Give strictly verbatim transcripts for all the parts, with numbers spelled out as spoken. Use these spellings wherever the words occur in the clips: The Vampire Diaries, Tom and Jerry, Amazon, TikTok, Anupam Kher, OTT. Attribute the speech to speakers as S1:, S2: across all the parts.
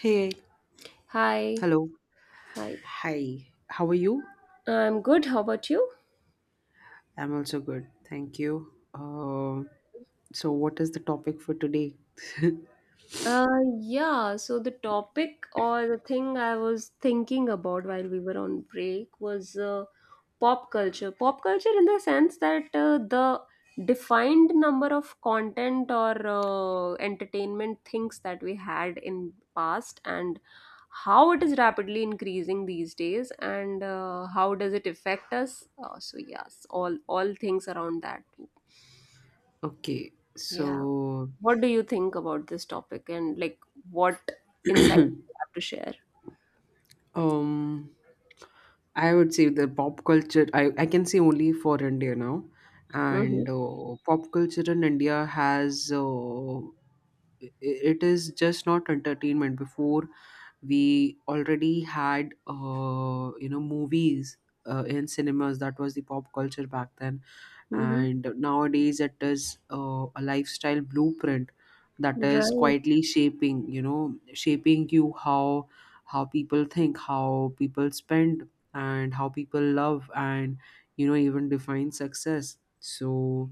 S1: Hey,
S2: Hi.
S1: hello.
S2: Hi.
S1: Hi, how are you?
S2: I'm good. How about you?
S1: I'm also good. Thank you. Uh, so, what is the topic for today?
S2: Uh, yeah, so the topic or the thing I was thinking about while we were on break was uh, pop culture. Pop culture in the sense that uh, the defined number of content or uh, entertainment things that we had in past, and how it is rapidly increasing these days, and uh, how does it affect us? Uh, so yes, all all things around that too.
S1: Okay,
S2: Yeah.
S1: so
S2: What do you think about this topic, and like what insights you have to share?
S1: um, I would say the pop culture. I I can say only for India now,
S2: Mm-hmm.
S1: and uh, pop culture in India has uh, i- i- it is just not entertainment. Before, we already had uh, you know movies uh, in cinemas. That was the pop culture back then,
S2: Mm-hmm.
S1: and nowadays it is uh, a lifestyle blueprint that is
S2: Right.
S1: quietly shaping you know shaping you how how people think, how people spend, and how people love, and you know even define success. So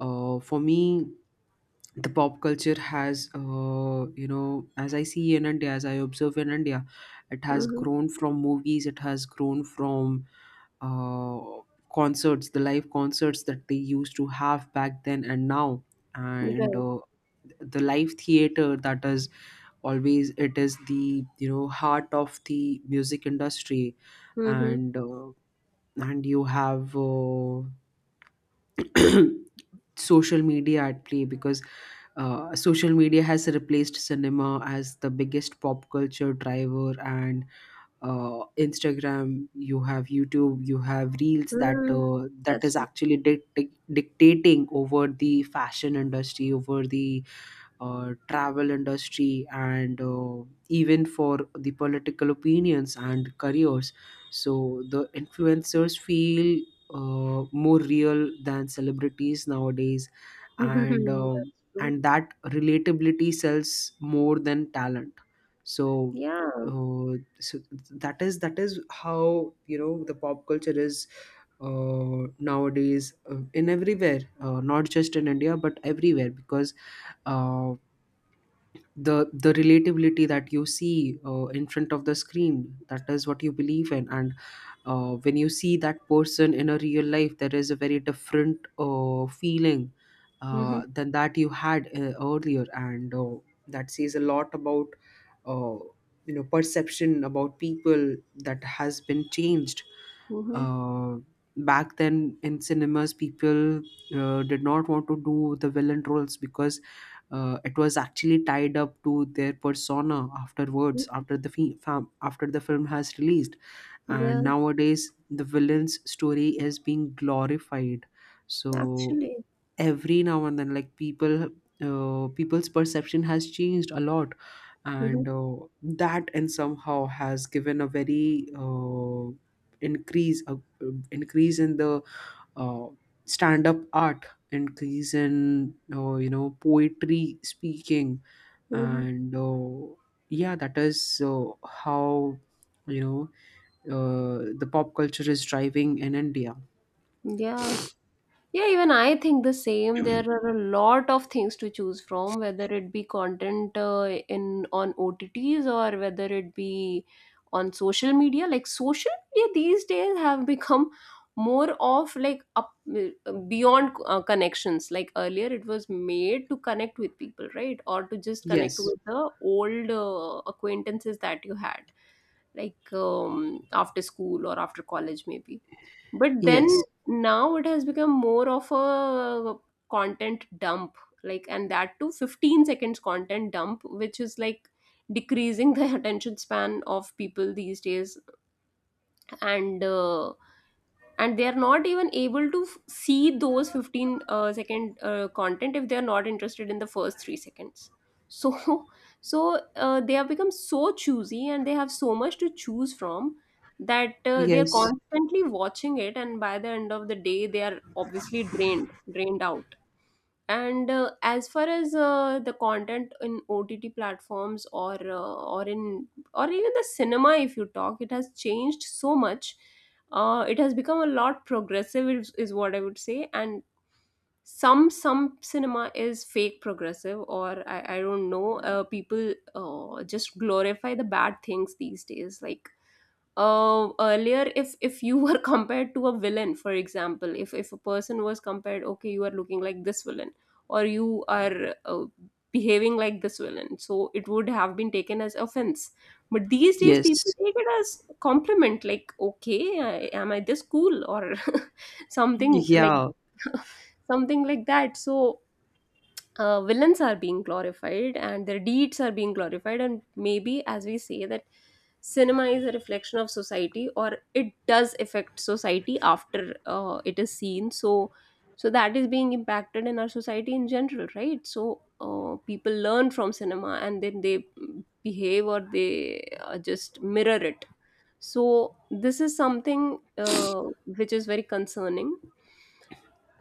S1: uh, for me, the pop culture has uh, you know as I see in India, as I observe in India, it has
S2: Mm-hmm.
S1: grown from movies, it has grown from uh, concerts, the live concerts that they used to have back then and now, and
S2: Right.
S1: uh, the live theater, that is always it is the you know heart of the music industry.
S2: Mm-hmm.
S1: And uh, and you have uh, social media at play, because uh, social media has replaced cinema as the biggest pop culture driver. And uh, Instagram, you have YouTube, you have reels, that
S2: Mm.
S1: uh, that
S2: That's
S1: is
S2: fine.
S1: actually dic- dic- dictating over the fashion industry, over the uh, travel industry, and uh, even for the political opinions and careers. So the influencers feel uh, more real than celebrities nowadays, and um
S2: That's true.
S1: and that relatability sells more than talent. so
S2: Yeah.
S1: uh, so that is that is how, you know the pop culture is, uh, nowadays, uh, in everywhere, uh, not just in India but everywhere, because uh the the relatability that you see uh, in front of the screen, that is what you believe in. And uh, when you see that person in a real life, there is a very different uh, feeling
S2: Mm-hmm.
S1: uh, than that you had uh, earlier. And uh, that says a lot about, uh, you know perception about people that has been changed.
S2: Mm-hmm.
S1: uh, Back then in cinemas, people uh, did not want to do the villain roles, because uh, it was actually tied up to their persona afterwards,
S2: Mm-hmm.
S1: after the fi- fam- after the film has released.
S2: Yeah.
S1: And nowadays, the villain's story is being glorified. So
S2: Actually.
S1: every now and then, like, people uh, people's perception has changed a lot.
S2: Mm-hmm.
S1: And uh, that and somehow has given a very uh, increase, a, uh, increase in the uh, stand up art, increase in, uh, you know poetry speaking.
S2: Mm-hmm.
S1: And uh, yeah, that is uh, how, you know uh, the pop culture is driving in India.
S2: Yeah. Yeah, even I think the same. There are a lot of things to choose from, whether it be content uh, in on O T Ts, or whether it be on social media. Like social media these days have become more of like up uh, beyond uh, connections. Like earlier, it was made to connect with people, right, or to just connect
S1: Yes,
S2: with the old uh, acquaintances that you had, like um, after school or after college, maybe, but then
S1: yes,
S2: now it has become more of a content dump, like, and that too fifteen seconds content dump, which is like decreasing the attention span of people these days. and uh, and they are not even able to f- see those fifteen uh, second uh, content if they are not interested in the first three seconds. So so uh, they have become so choosy, and they have so much to choose from, that uh, they are
S1: yes.
S2: constantly watching it, and by the end of the day they are obviously drained drained out. And uh, as far as uh, the content in O T T platforms or uh, or in or even the cinema, if you talk, it has changed so much. Uh, it has become a lot progressive, is, is what I would say. And some some cinema is fake progressive, or I, I don't know. Uh, people uh, just glorify the bad things these days, like uh, earlier, if if you were compared to a villain, for example, if if a person was compared, okay, you are looking like this villain, or you are uh, behaving like this villain, so it would have been taken as offense. But these days people
S1: Yes.
S2: take it as compliment, like, okay, I, am I this cool or something like
S1: Yeah,
S2: something like that. So uh, villains are being glorified and their deeds are being glorified. And maybe as we say that cinema is a reflection of society, or it does affect society after uh, it is seen. So so that is being impacted in our society in general, right? So uh, people learn from cinema and then they behave, or they uh, just mirror it. So this is something uh, which is very concerning.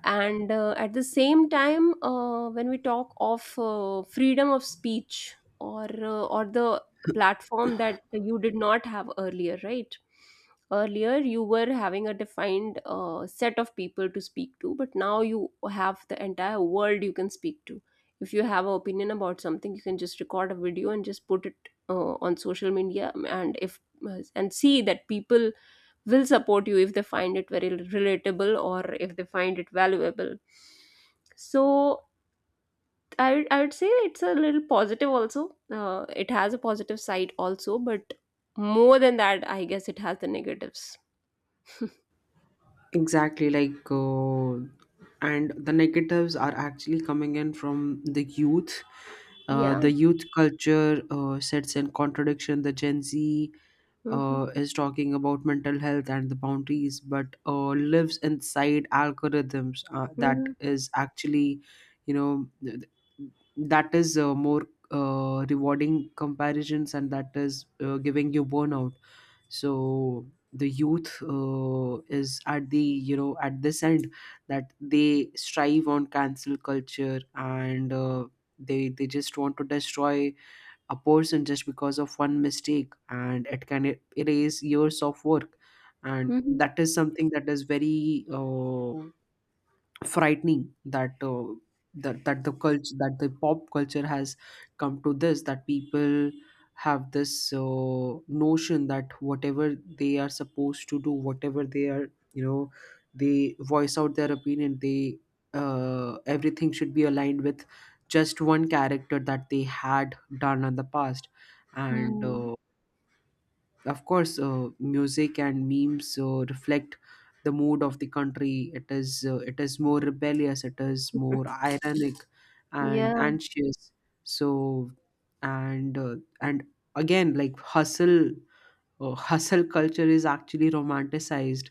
S2: And uh, at the same time, uh, when we talk of uh, freedom of speech or uh, or the platform that you did not have earlier, right? Earlier you were having a defined uh, set of people to speak to, but now you have the entire world you can speak to. If you have an opinion about something, you can just record a video and just put it uh, on social media, and if uh, and see that people will support you if they find it very relatable, or if they find it valuable. So I, would- I would say it's a little positive also. Uh, it has a positive side also, but more than that I guess it has the negatives.
S1: exactly. Like, uh, and the negatives are actually coming in from the youth. Uh,
S2: Yeah.
S1: the youth culture uh, sets in contradiction. The Gen Z
S2: Mm-hmm.
S1: uh, is talking about mental health and the boundaries, but uh, lives inside algorithms, uh, that
S2: Mm-hmm.
S1: is actually, you know, th- th- that is uh, more uh, rewarding comparisons, and that is uh, giving you burnout. So the youth uh, is at the, you know at this end, that they strive on cancel culture. And uh, they they just want to destroy a person just because of one mistake, and it can e- erase years of work. And
S2: Mm-hmm.
S1: that is something that is very uh, frightening, that uh, that that the culture that the pop culture has come to this, that people have this uh, notion that whatever they are supposed to do, whatever they are, you know they voice out their opinion, they uh, everything should be aligned with just one character that they had done in the past. And
S2: Hmm.
S1: uh, of course, uh, music and memes uh, reflect the mood of the country. It is uh, it is more rebellious, it is more ironic and
S2: Yeah.
S1: anxious. So, and uh, and again, like, hustle uh, hustle culture is actually romanticized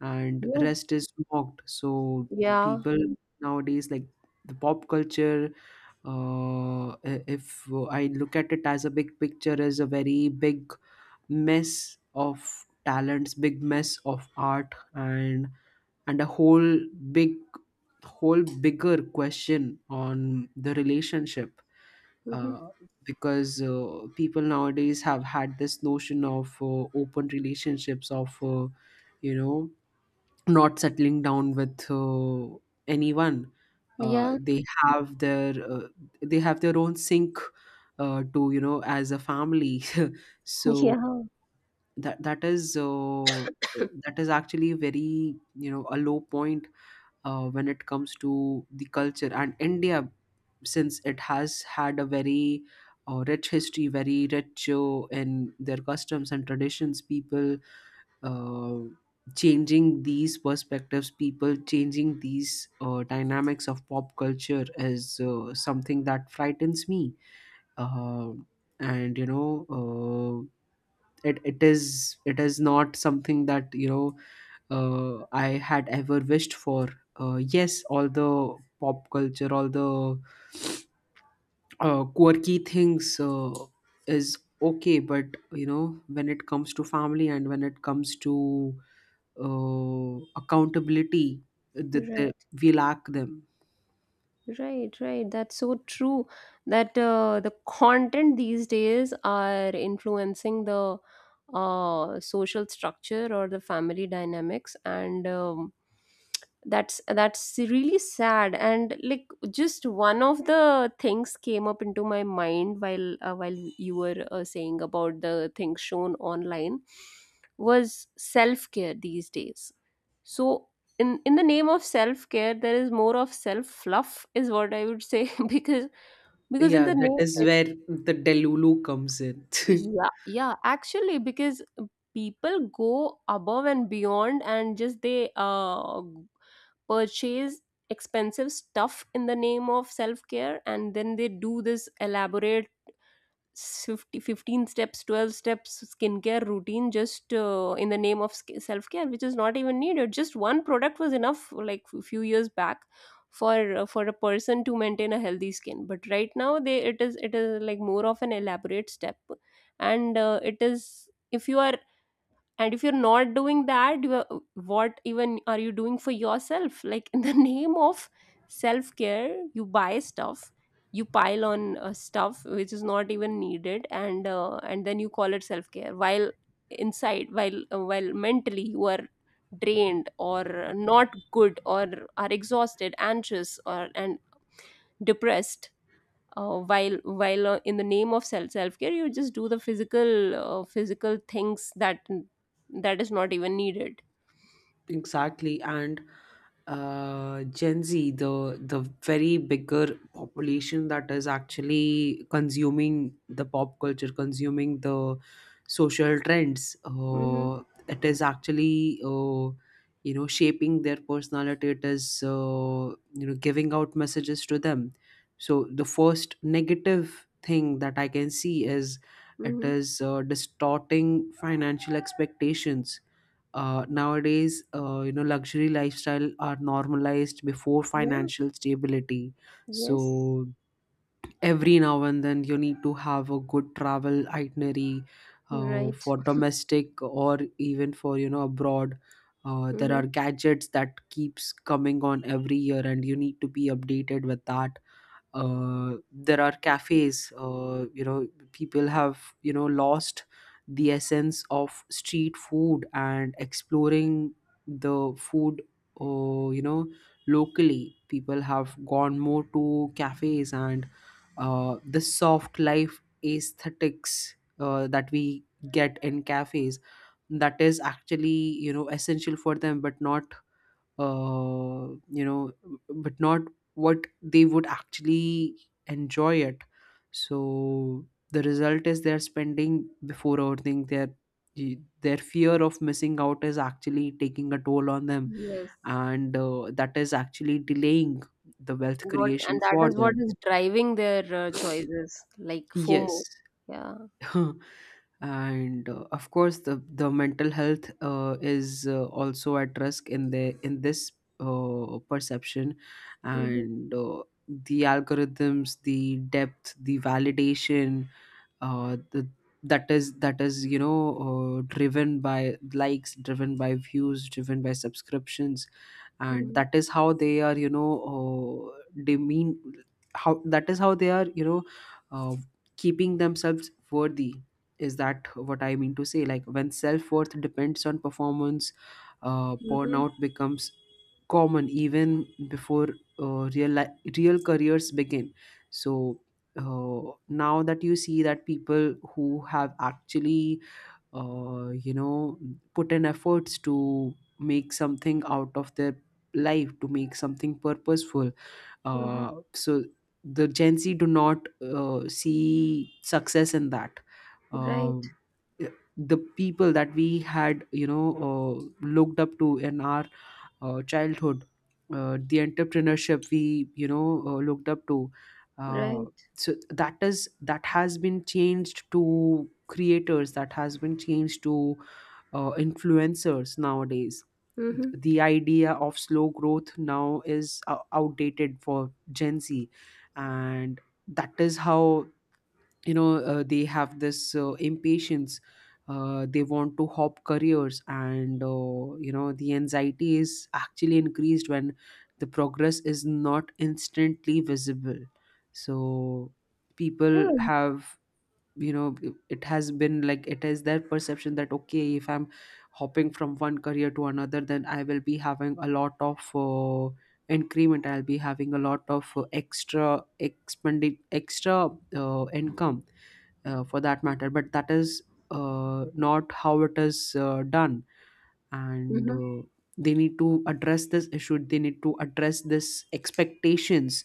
S1: and
S2: Yeah.
S1: rest is mocked. So
S2: Yeah.
S1: people nowadays, like, the pop culture, uh, i- if I look at it as a big picture, is a very big mess of talents, big mess of art, and and a whole big whole bigger question on the relationship.
S2: Mm-hmm.
S1: uh, because uh, people nowadays have had this notion of uh, open relationships, of, uh, you know not settling down with uh, anyone. uh,
S2: Yeah.
S1: they have their uh, they have their own sink, uh, to, you know as a family so
S2: Yeah.
S1: that that is uh, that is actually very, you know a low point uh, when it comes to the culture and India, since it has had a very uh, rich history, very rich uh, in their customs and traditions. People uh, changing these perspectives, people changing these uh, dynamics of pop culture is uh, something that frightens me. Uh, and you know uh, it, it is it is not something that, you know uh, I had ever wished for. Uh, yes, all the pop culture, all the uh, quirky things uh, is okay. But, you know when it comes to family and when it comes to uh, accountability, that the,
S2: Right.
S1: we lack them.
S2: Right, right. That's so true. That uh, the content these days are influencing the uh, social structure or the family dynamics, and um, that's that's really sad. And like, just one of the things came up into my mind while uh, while you were uh, saying about the things shown online was self care these days. So in in the name of self care there is more of self fluff is what I would say because because in
S1: Yeah,
S2: the
S1: that is
S2: name
S1: where the delulu comes in
S2: Yeah, yeah, actually, because people go above and beyond, and just they uh purchase expensive stuff in the name of self care, and then they do this elaborate Fifty, fifteen steps twelve steps skincare routine, just uh, in the name of sk- self-care, which is not even needed. Just one product was enough, like a few years back, for uh, for a person to maintain a healthy skin. But right now, they it is, it is like more of an elaborate step. And uh, it is, if you are, and if you're not doing that, you are- what even are you doing for yourself? Like, in the name of self care, you buy stuff, you pile on uh, stuff which is not even needed, and uh, and then you call it self care, while inside, while uh, while mentally you are drained or not good, or are exhausted, anxious or, and depressed, uh, while while uh, in the name of self self care you just do the physical uh, physical things that that is not even needed.
S1: Exactly. And uh, Gen Z, the the very bigger population that is actually consuming the pop culture, consuming the social trends.
S2: Mm-hmm.
S1: Uh, it is actually, uh, you know shaping their personality. It is, uh, you know giving out messages to them. So the first negative thing that I can see is, it
S2: Mm-hmm.
S1: is uh, distorting financial expectations uh, nowadays. Uh, you know, luxury lifestyle are normalized before
S2: Yeah.
S1: financial stability.
S2: Yes.
S1: So every now and then, you need to have a good travel itinerary uh,
S2: Right.
S1: for domestic or even for, you know abroad. Uh, there
S2: Mm-hmm.
S1: are gadgets that keeps coming on every year, and you need to be updated with that. Uh, there are cafes. Uh, you know people have you know lost the essence of street food and exploring the food, uh, you know locally. People have gone more to cafes, and uh, the soft life aesthetics uh, that we get in cafes, that is actually, you know essential for them, but not uh, you know, but not what they would actually enjoy it. So the result is, they're spending before overthink, their their fear of missing out is actually taking a toll on them.
S2: Yes.
S1: And uh, that is actually delaying the wealth
S2: What,
S1: creation
S2: and that
S1: for
S2: is what
S1: them.
S2: is driving their uh, choices, like FOMO.
S1: Yes
S2: Yeah.
S1: and uh, of course, the the mental health uh, is uh, also at risk in the, in this uh, perception.
S2: Mm-hmm.
S1: And uh, the algorithms, the depth, the validation, uh, th- that is that is, you know uh, driven by likes, driven by views, driven by subscriptions. And
S2: Mm-hmm.
S1: that is how they are, you know uh, demean. How That is how they are, you know uh, keeping themselves worthy. Is that what I mean to say. Like, when self-worth depends on performance, uh,
S2: Mm-hmm.
S1: burnout becomes common even before uh, real li- real careers begin. So uh, now that you see that people who have actually, uh, you know put in efforts to make something out of their life, to make something purposeful,
S2: Mm-hmm.
S1: uh, so the Gen Z do not uh, see success in that.
S2: Right.
S1: Um the people that we had, you know uh, looked up to in our uh, childhood, uh, the entrepreneurship we, you know uh, looked up to. Uh,
S2: Right.
S1: so that is that has been changed to creators. That has been changed to uh, influencers nowadays.
S2: Mm-hmm.
S1: The idea of slow growth now is uh, outdated for Gen Z, and that is how, you know uh, they have this uh, impatience. Uh, they want to hop careers, and, uh, you know the anxiety is actually increased when the progress is not instantly visible. So people
S2: Yeah.
S1: have, you know it has been like, it is their perception that, okay, if I'm hopping from one career to another, then I will be having a lot of uh, increment, I'll be having a lot of uh, extra expending extra uh, income uh, for that matter. But that is uh, not how it is uh, done. And
S2: Mm-hmm.
S1: uh, they need to address this issue, they need to address this expectations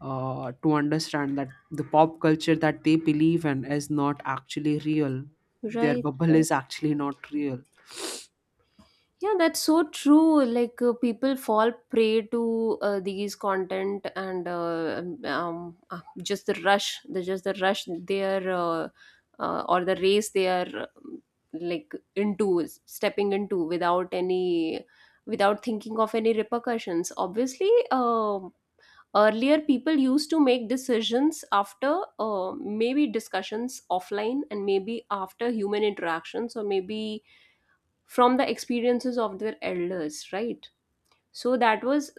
S1: uh, to understand that the pop culture that they believe in is not actually real, their
S2: Right.
S1: bubble is actually not real.
S2: Yeah, that's so true. Like uh, people fall prey to uh, these content and uh, um, um, uh, just the rush, the just the rush they are uh, uh, or the race they are, um, like, into stepping into without any, without thinking of any repercussions. Obviously, um earlier people used to make decisions after uh, maybe discussions offline, and maybe after human interactions, or maybe from the experiences of their elders, right? So that was,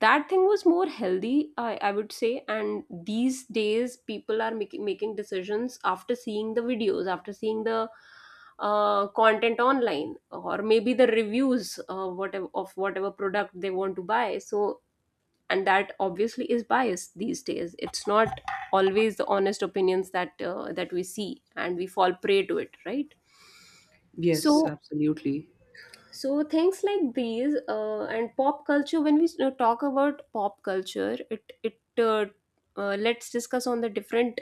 S2: that thing was more healthy, I, I would say. And these days, people are making making decisions after seeing the videos, after seeing the uh, content online, or maybe the reviews uh, whatever, of whatever product they want to buy. So, and that obviously is biased these days. It's not always the honest opinions that uh, that we see, and we fall prey to it, right?
S1: Yes,
S2: So
S1: absolutely.
S2: so things like these uh, and pop culture, when we s- uh, talk about pop culture, it it uh, uh, let's discuss on the different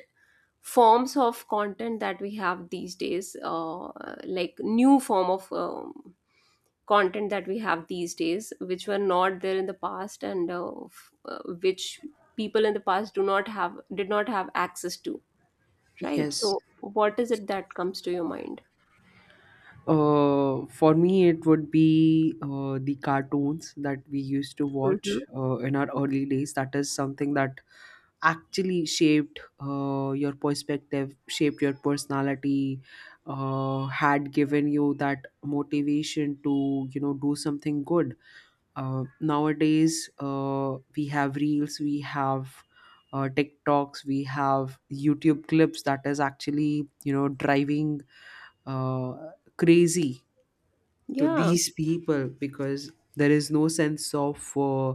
S2: forms of content that we have these days, uh, like new form of um, content that we have these days which were not there in the past, and uh, f- uh, which people in the past do not have did not have access to, right?
S1: Yes.
S2: So what is it that comes to your mind?
S1: Uh, for me, it would be uh, the cartoons that we used to
S2: Hmm.
S1: watch uh, in our early days. That is something that actually shaped uh, your perspective, shaped your personality, uh, had given you that motivation to, you know do something good. Uh, nowadays, uh, we have reels, we have uh, TikToks, we have YouTube clips that is actually, you know driving uh, crazy to
S2: Yeah.
S1: these people, because there is no sense of uh,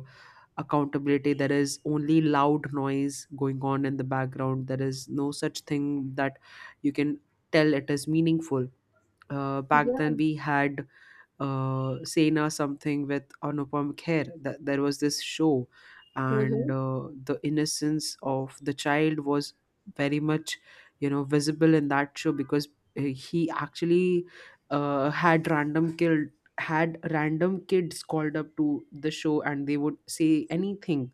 S1: accountability, there is only loud noise going on in the background, there is no such thing that you can tell it is meaningful. Uh, back then
S2: Yeah.
S1: we had uh, Sena something with Anupam Kher. That there was this show, and
S2: Hmm.
S1: uh, the innocence of the child was very much, you know, visible in that show because uh, he actually uh, had random killed had random kids called up to the show and they would say anything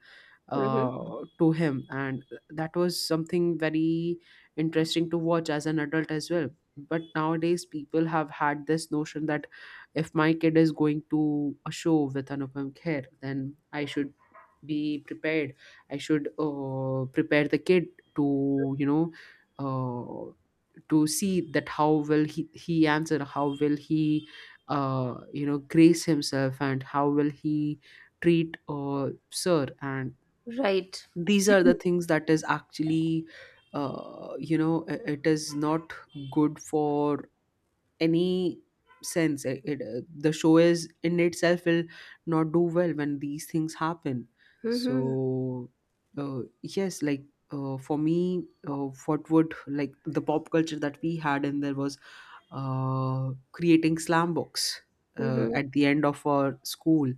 S2: Hmm.
S1: uh, to him. And that was something very interesting to watch as an adult as well. But nowadays people have had this notion that if my kid is going to a show with Anupam Kher, then I should be prepared. I should uh, prepare the kid to you know uh, to see that how will he, he answer, how will he uh, you know grace himself, and how will he treat uh, sir. And
S2: Right.
S1: these are the things that is actually uh, you know i- it is not good for any sense. It, it, uh, the show is in itself will not do well when these things happen.
S2: Mhm.
S1: So uh, yes, like uh, for me, uh, what would like the pop culture that we had, and there was uh, creating slam books uh,
S2: Mhm.
S1: at the end of our school.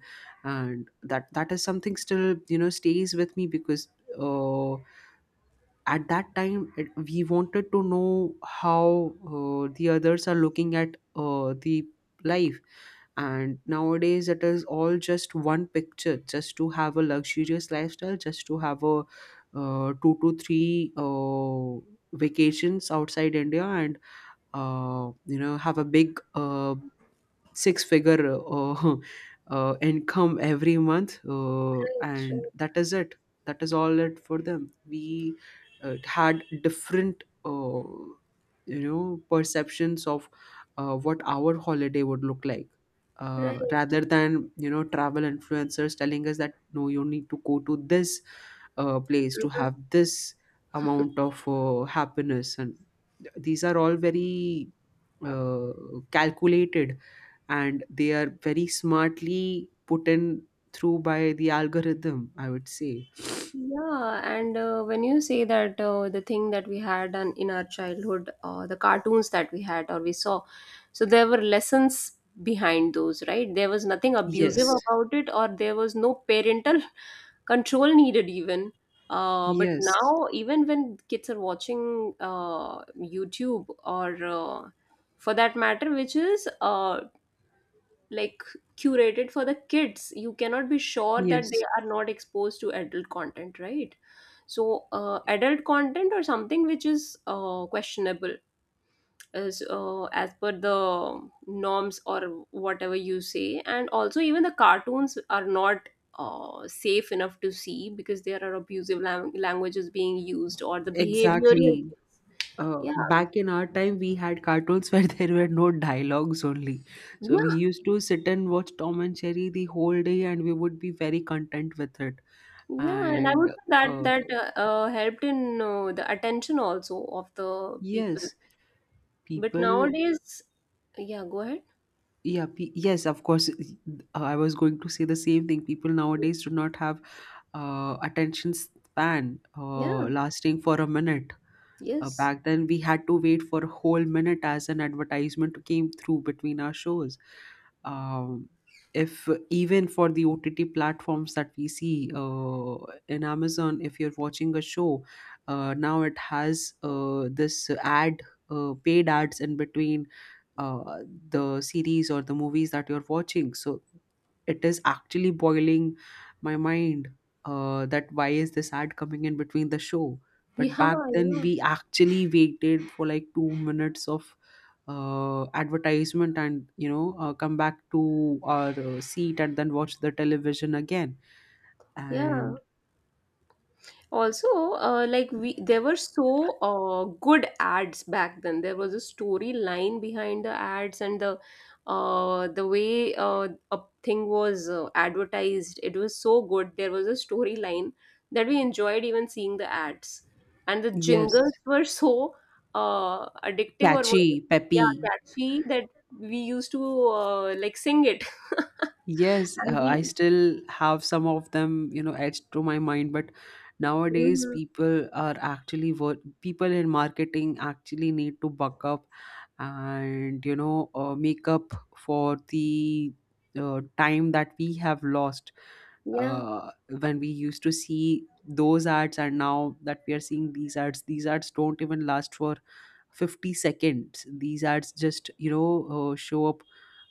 S1: And that that is something still you know stays with me because uh, at that time it, we wanted to know how uh, the others are looking at uh, the life. And nowadays it is all just one picture, just to have a luxurious lifestyle, just to have a uh, two to three uh, vacations outside India, and uh, you know have a big uh, six figure uh, uh, income every month, uh, and
S2: Right,
S1: that is it. That is all it for them. We uh, had different uh, you know perceptions of uh, what our holiday would look like, uh,
S2: right,
S1: rather than you know travel influencers telling us that no, you need to go to this uh, place to
S2: right.
S1: have this amount of uh, happiness. And th- these are all very uh, calculated, and they are very smartly put in through by the algorithm, I would say.
S2: Yeah, and uh, when you say that uh, the thing that we had on, in our childhood, uh, the cartoons that we had or we saw, so there were lessons behind those, right? There was nothing abusive
S1: Yes,
S2: about it, or there was no parental control needed, even. Uh, but
S1: yes,
S2: now, even when kids are watching uh, YouTube or uh, for that matter, which is uh, like curated for the kids, you cannot be sure that
S1: yes,
S2: they are not exposed to adult content, right? So uh, adult content or something which is uh, questionable, as uh, as per the norms or whatever you say. And also even the cartoons are not uh, safe enough to see, because there are abusive lang- languages being used, or the behavioral,
S1: exactly. Uh,
S2: yeah.
S1: back in our time, we had cartoons where there were no dialogues only. So we
S2: Yeah.
S1: used to sit and watch Tom and Jerry the whole day, and we would be very content with it.
S2: Yeah. And I
S1: And
S2: would say that
S1: uh,
S2: that uh, uh, helped in uh, the attention also of the people.
S1: yes,
S2: But
S1: people,
S2: nowadays, yeah, go ahead.
S1: yeah, pe- yes, of course. I was going to say the same thing. People nowadays do not have uh, attention span uh,
S2: Yeah,
S1: lasting for a minute. Uh,
S2: yes.
S1: back then, we had to wait for a whole minute as an advertisement came through between our shows. Um, if even for the O T T platforms that we see uh, in Amazon, if you're watching a show, uh, now it has uh, this ad, uh, paid ads in between uh, the series or the movies that you're watching. So it is actually boiling my mind uh, that why is this ad coming in between the show. But
S2: Yeah,
S1: back then,
S2: yeah,
S1: we actually waited for like two minutes of uh, advertisement and, you know, uh, come back to our uh, seat and then watch the television again.
S2: yeah.
S1: And
S2: Also, uh, like we, there were so uh, good ads back then. There was a storyline behind the ads, and the uh, the way uh, a thing was uh, advertised, it was so good. There was a storyline that we enjoyed even seeing the ads, and the
S1: yes,
S2: jingles were so uh, addictive or what-
S1: catchy,
S2: yeah,
S1: peppy.
S2: catchy, that we used to uh, like sing it,
S1: Yes,
S2: and
S1: uh, I
S2: we.
S1: still have some of them, you know, etched to my mind. But nowadays,
S2: Mhm.
S1: people are actually work. People in marketing actually need to buck up and you know uh, make up for the uh, time that we have lost
S2: Yeah,
S1: uh, when we used to see those ads, and now that we are seeing these ads, these ads don't even last for fifty seconds. These ads just you know uh, show up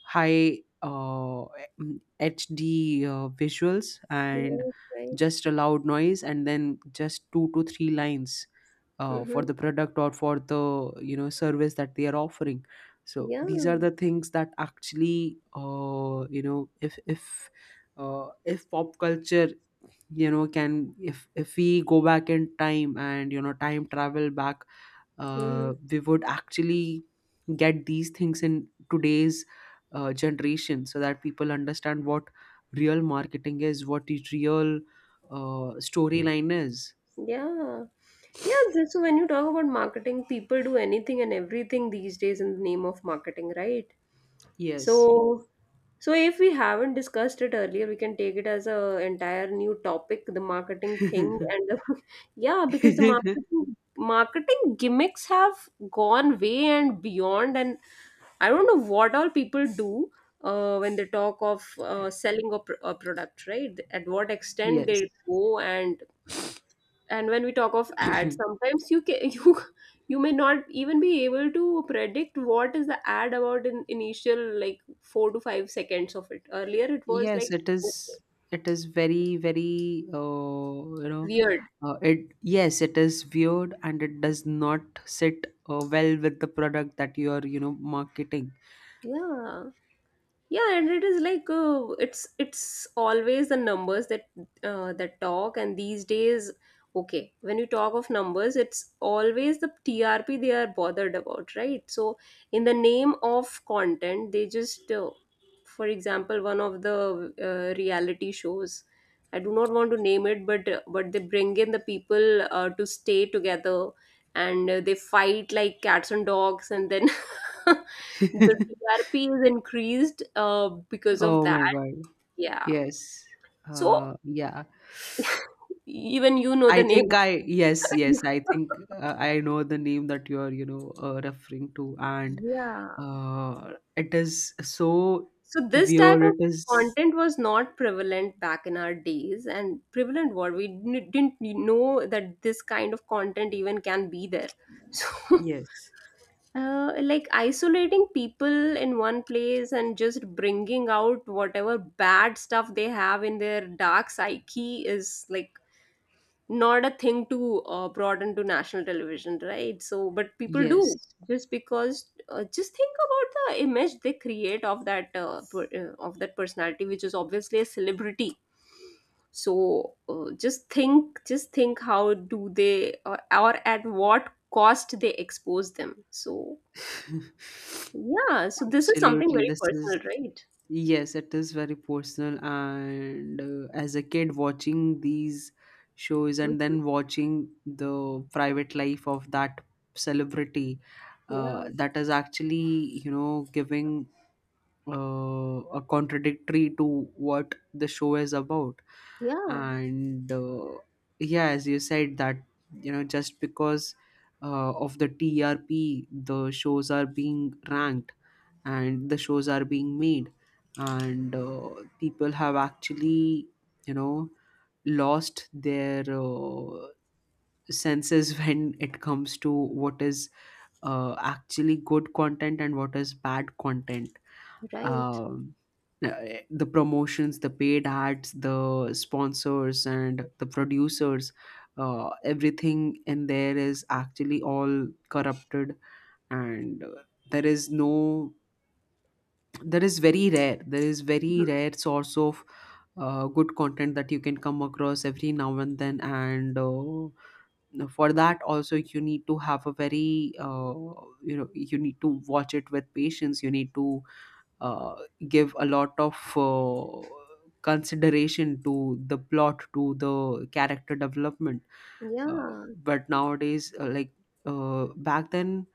S1: high uh, mm, H D uh, visuals and
S2: you're right.
S1: just a loud noise and then just two to three lines uh, for
S2: Mm-hmm.
S1: the product or for the you know service that they are offering. So
S2: Yeah.
S1: these are the things that actually uh, you know if if uh, if pop culture you know can, if if we go back in time and you know time travel back,
S2: Mhm.
S1: uh, we would actually get these things in today's uh, generation so that people understand what real marketing is, what the real uh, storyline is.
S2: Yeah. Yeah, this, so when you talk about marketing, people do anything and everything these days in the name of marketing, right?
S1: Yes.
S2: So, so if we haven't discussed it earlier, we can take it as a entire new topic, the marketing thing, and the, yeah, because the marketing marketing gimmicks have gone way and beyond, and I don't know what all people do uh, when they talk of uh, selling a, pr- a product, right? At what extent
S1: Yes.
S2: they go and and when we talk of ads sometimes you can you you may not even be able to predict what is the ad about in initial like four to five seconds of it earlier it was
S1: Yes,
S2: like
S1: it is. It is very, very, uh, you know,
S2: weird.
S1: uh, it yes, it is weird and it does not sit uh, well with the product that you are, you know, marketing.
S2: Yeah, yeah, and it is like uh, it's it's always the numbers that uh, that talk. And these days, okay, when you talk of numbers, it's always the TRP they are bothered about, right? So in the name of content, they just uh, for example, one of the uh, reality shows, I do not want to name it, but but they bring in the people uh, to stay together, and uh, they fight like cats and dogs, and then the T R P is increased uh, because of
S1: Oh
S2: that.
S1: my god.
S2: Yeah.
S1: Yes.
S2: So
S1: Uh, yeah.
S2: even you know the
S1: I
S2: name.
S1: think I, yes, yes, I think uh, I know the name that you're, you know, uh, referring to. And
S2: Yeah.
S1: uh, it is so
S2: So this type
S1: weird.
S2: of
S1: It is,
S2: content was not prevalent back in our days, and prevalent what we didn't didn't know that this kind of content even can be there. So
S1: yes,
S2: uh, like isolating people in one place and just bringing out whatever bad stuff they have in their dark psyche is like not a thing to uh, broaden to national television, right? So but people
S1: yes.
S2: do. Just because uh, just think about the image they create of that uh, per- uh, of that personality, which is obviously a celebrity. So uh, just think just think how do they, or, or at what cost they expose them. So yeah, so this is something
S1: Absolutely,
S2: very
S1: this
S2: personal,
S1: is
S2: right?
S1: yes, it is very personal. And uh, as a kid, watching these shows and
S2: Mhm.
S1: then watching the private life of that celebrity, uh,
S2: Yeah,
S1: that is actually you know giving uh, a contradictory to what the show is about.
S2: yeah,
S1: And uh, yeah, as you said that you know just because uh, of the T R P the shows are being ranked and the shows are being made. And uh, people have actually you know lost their uh, senses when it comes to what is uh, actually good content and what is bad content.
S2: right.
S1: um, uh, the promotions, the paid ads, the sponsors, and the producers, uh, everything in there is actually all corrupted, and uh, there is no, there is very rare, there is very
S2: Mhm.
S1: rare source of uh, good content that you can come across every now and then, and uh, for that also you need to have a very, uh, you know, you need to watch it with patience. You need to uh, give a lot of uh, consideration to the plot, to the character development. uh,
S2: Yeah.
S1: but nowadays uh, like uh, back then,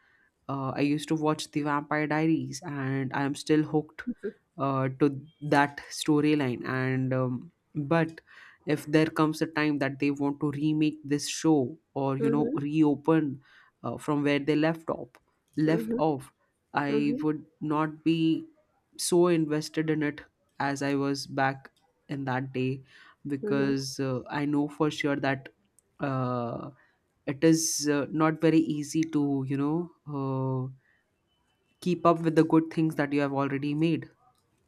S1: uh, I used to watch The Vampire Diaries, and I am still hooked
S2: Mhm.
S1: uh, to that storyline. And um, but if there comes a time that they want to remake this show or you know
S2: Mhm.
S1: reopen uh, from where they left off, left off, I
S2: Mhm.
S1: would not be so invested in it as I was back in that day
S2: Mhm.
S1: because uh, I know for sure that. Uh, it is uh, not very easy to you know uh, keep up with the good things that you have already made.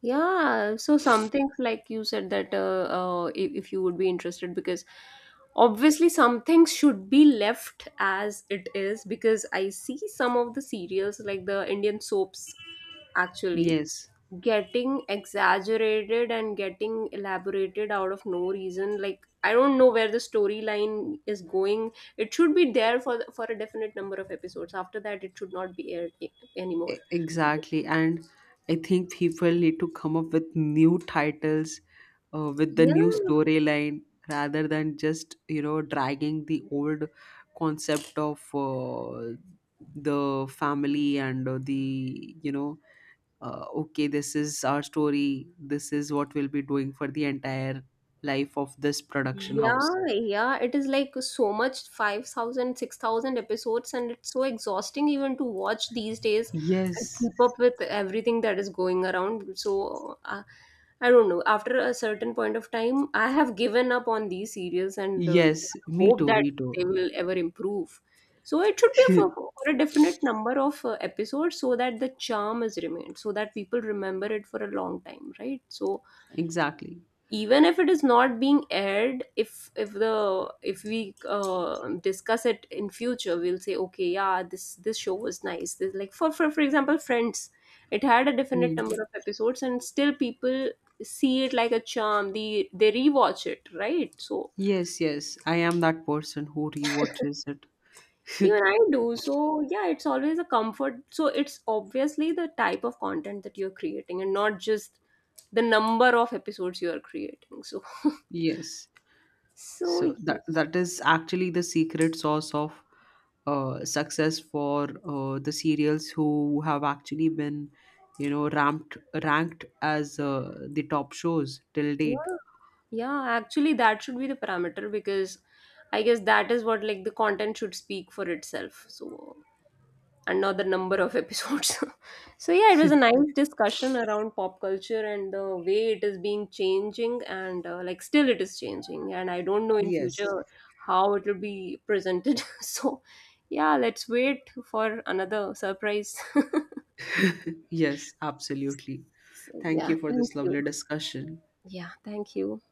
S2: Yeah, so some things, like you said, that uh, uh, if, if you would be interested, because obviously some things should be left as it is, because I see some of the serials like the Indian soaps actually
S1: Yes,
S2: getting exaggerated and getting elaborated out of no reason. Like, I don't know where the storyline is going. It should be there for for a definite number of episodes. After that, it should not be aired a-
S1: e-
S2: anymore.
S1: exactly. And I think people need to come up with new titles uh, with the
S2: Yeah.
S1: new storyline rather than just you know dragging the old concept of uh, the family and uh, the you know uh, okay, this is our story, this is what we'll be doing for the entire life of this production house.
S2: Yeah, yeah, it is like so much five thousand, six thousand episodes, and it's so exhausting even to watch these days and
S1: Yes,
S2: keep up with everything that is going around. So, uh, I don't know, after a certain point of time, I have given up on these series and uh,
S1: yes me
S2: hope
S1: too
S2: that
S1: me too
S2: they will ever improve. So it should be for, for a definite number of uh, episodes, so that the charm is remained, so that people remember it for a long time, right? So
S1: Exactly.
S2: even if it is not being aired, if if the if we uh, discuss it in future, we'll say, okay, yeah, this this show was nice. This, like, for, for for example, Friends, it had a definite
S1: Mm.
S2: number of episodes, and still people see it like a charm. They they rewatch it, right? So
S1: Yes, yes, I am that person who rewatches it.
S2: even I do. So yeah, it's always a comfort. So it's obviously the type of content that you're creating, and not just the number of episodes you are creating. So
S1: Yes,
S2: so
S1: so that that is actually the secret sauce of uh, success for uh, the serials who have actually been you know ranked ranked as uh, the top shows till date.
S2: yeah, yeah, actually that should be the parameter, because I guess that is what, like, the content should speak for itself. So, and not the number of episodes. So yeah, it was a nice discussion around pop culture, and the way it is being changing, and uh, like, still it is changing, and I don't know in
S1: Yes,
S2: future how it will be presented. So yeah, let's wait for another surprise.
S1: yes, absolutely.
S2: So
S1: Thank
S2: yeah,
S1: you for
S2: thank
S1: this
S2: you.
S1: lovely discussion.
S2: Yeah, thank you.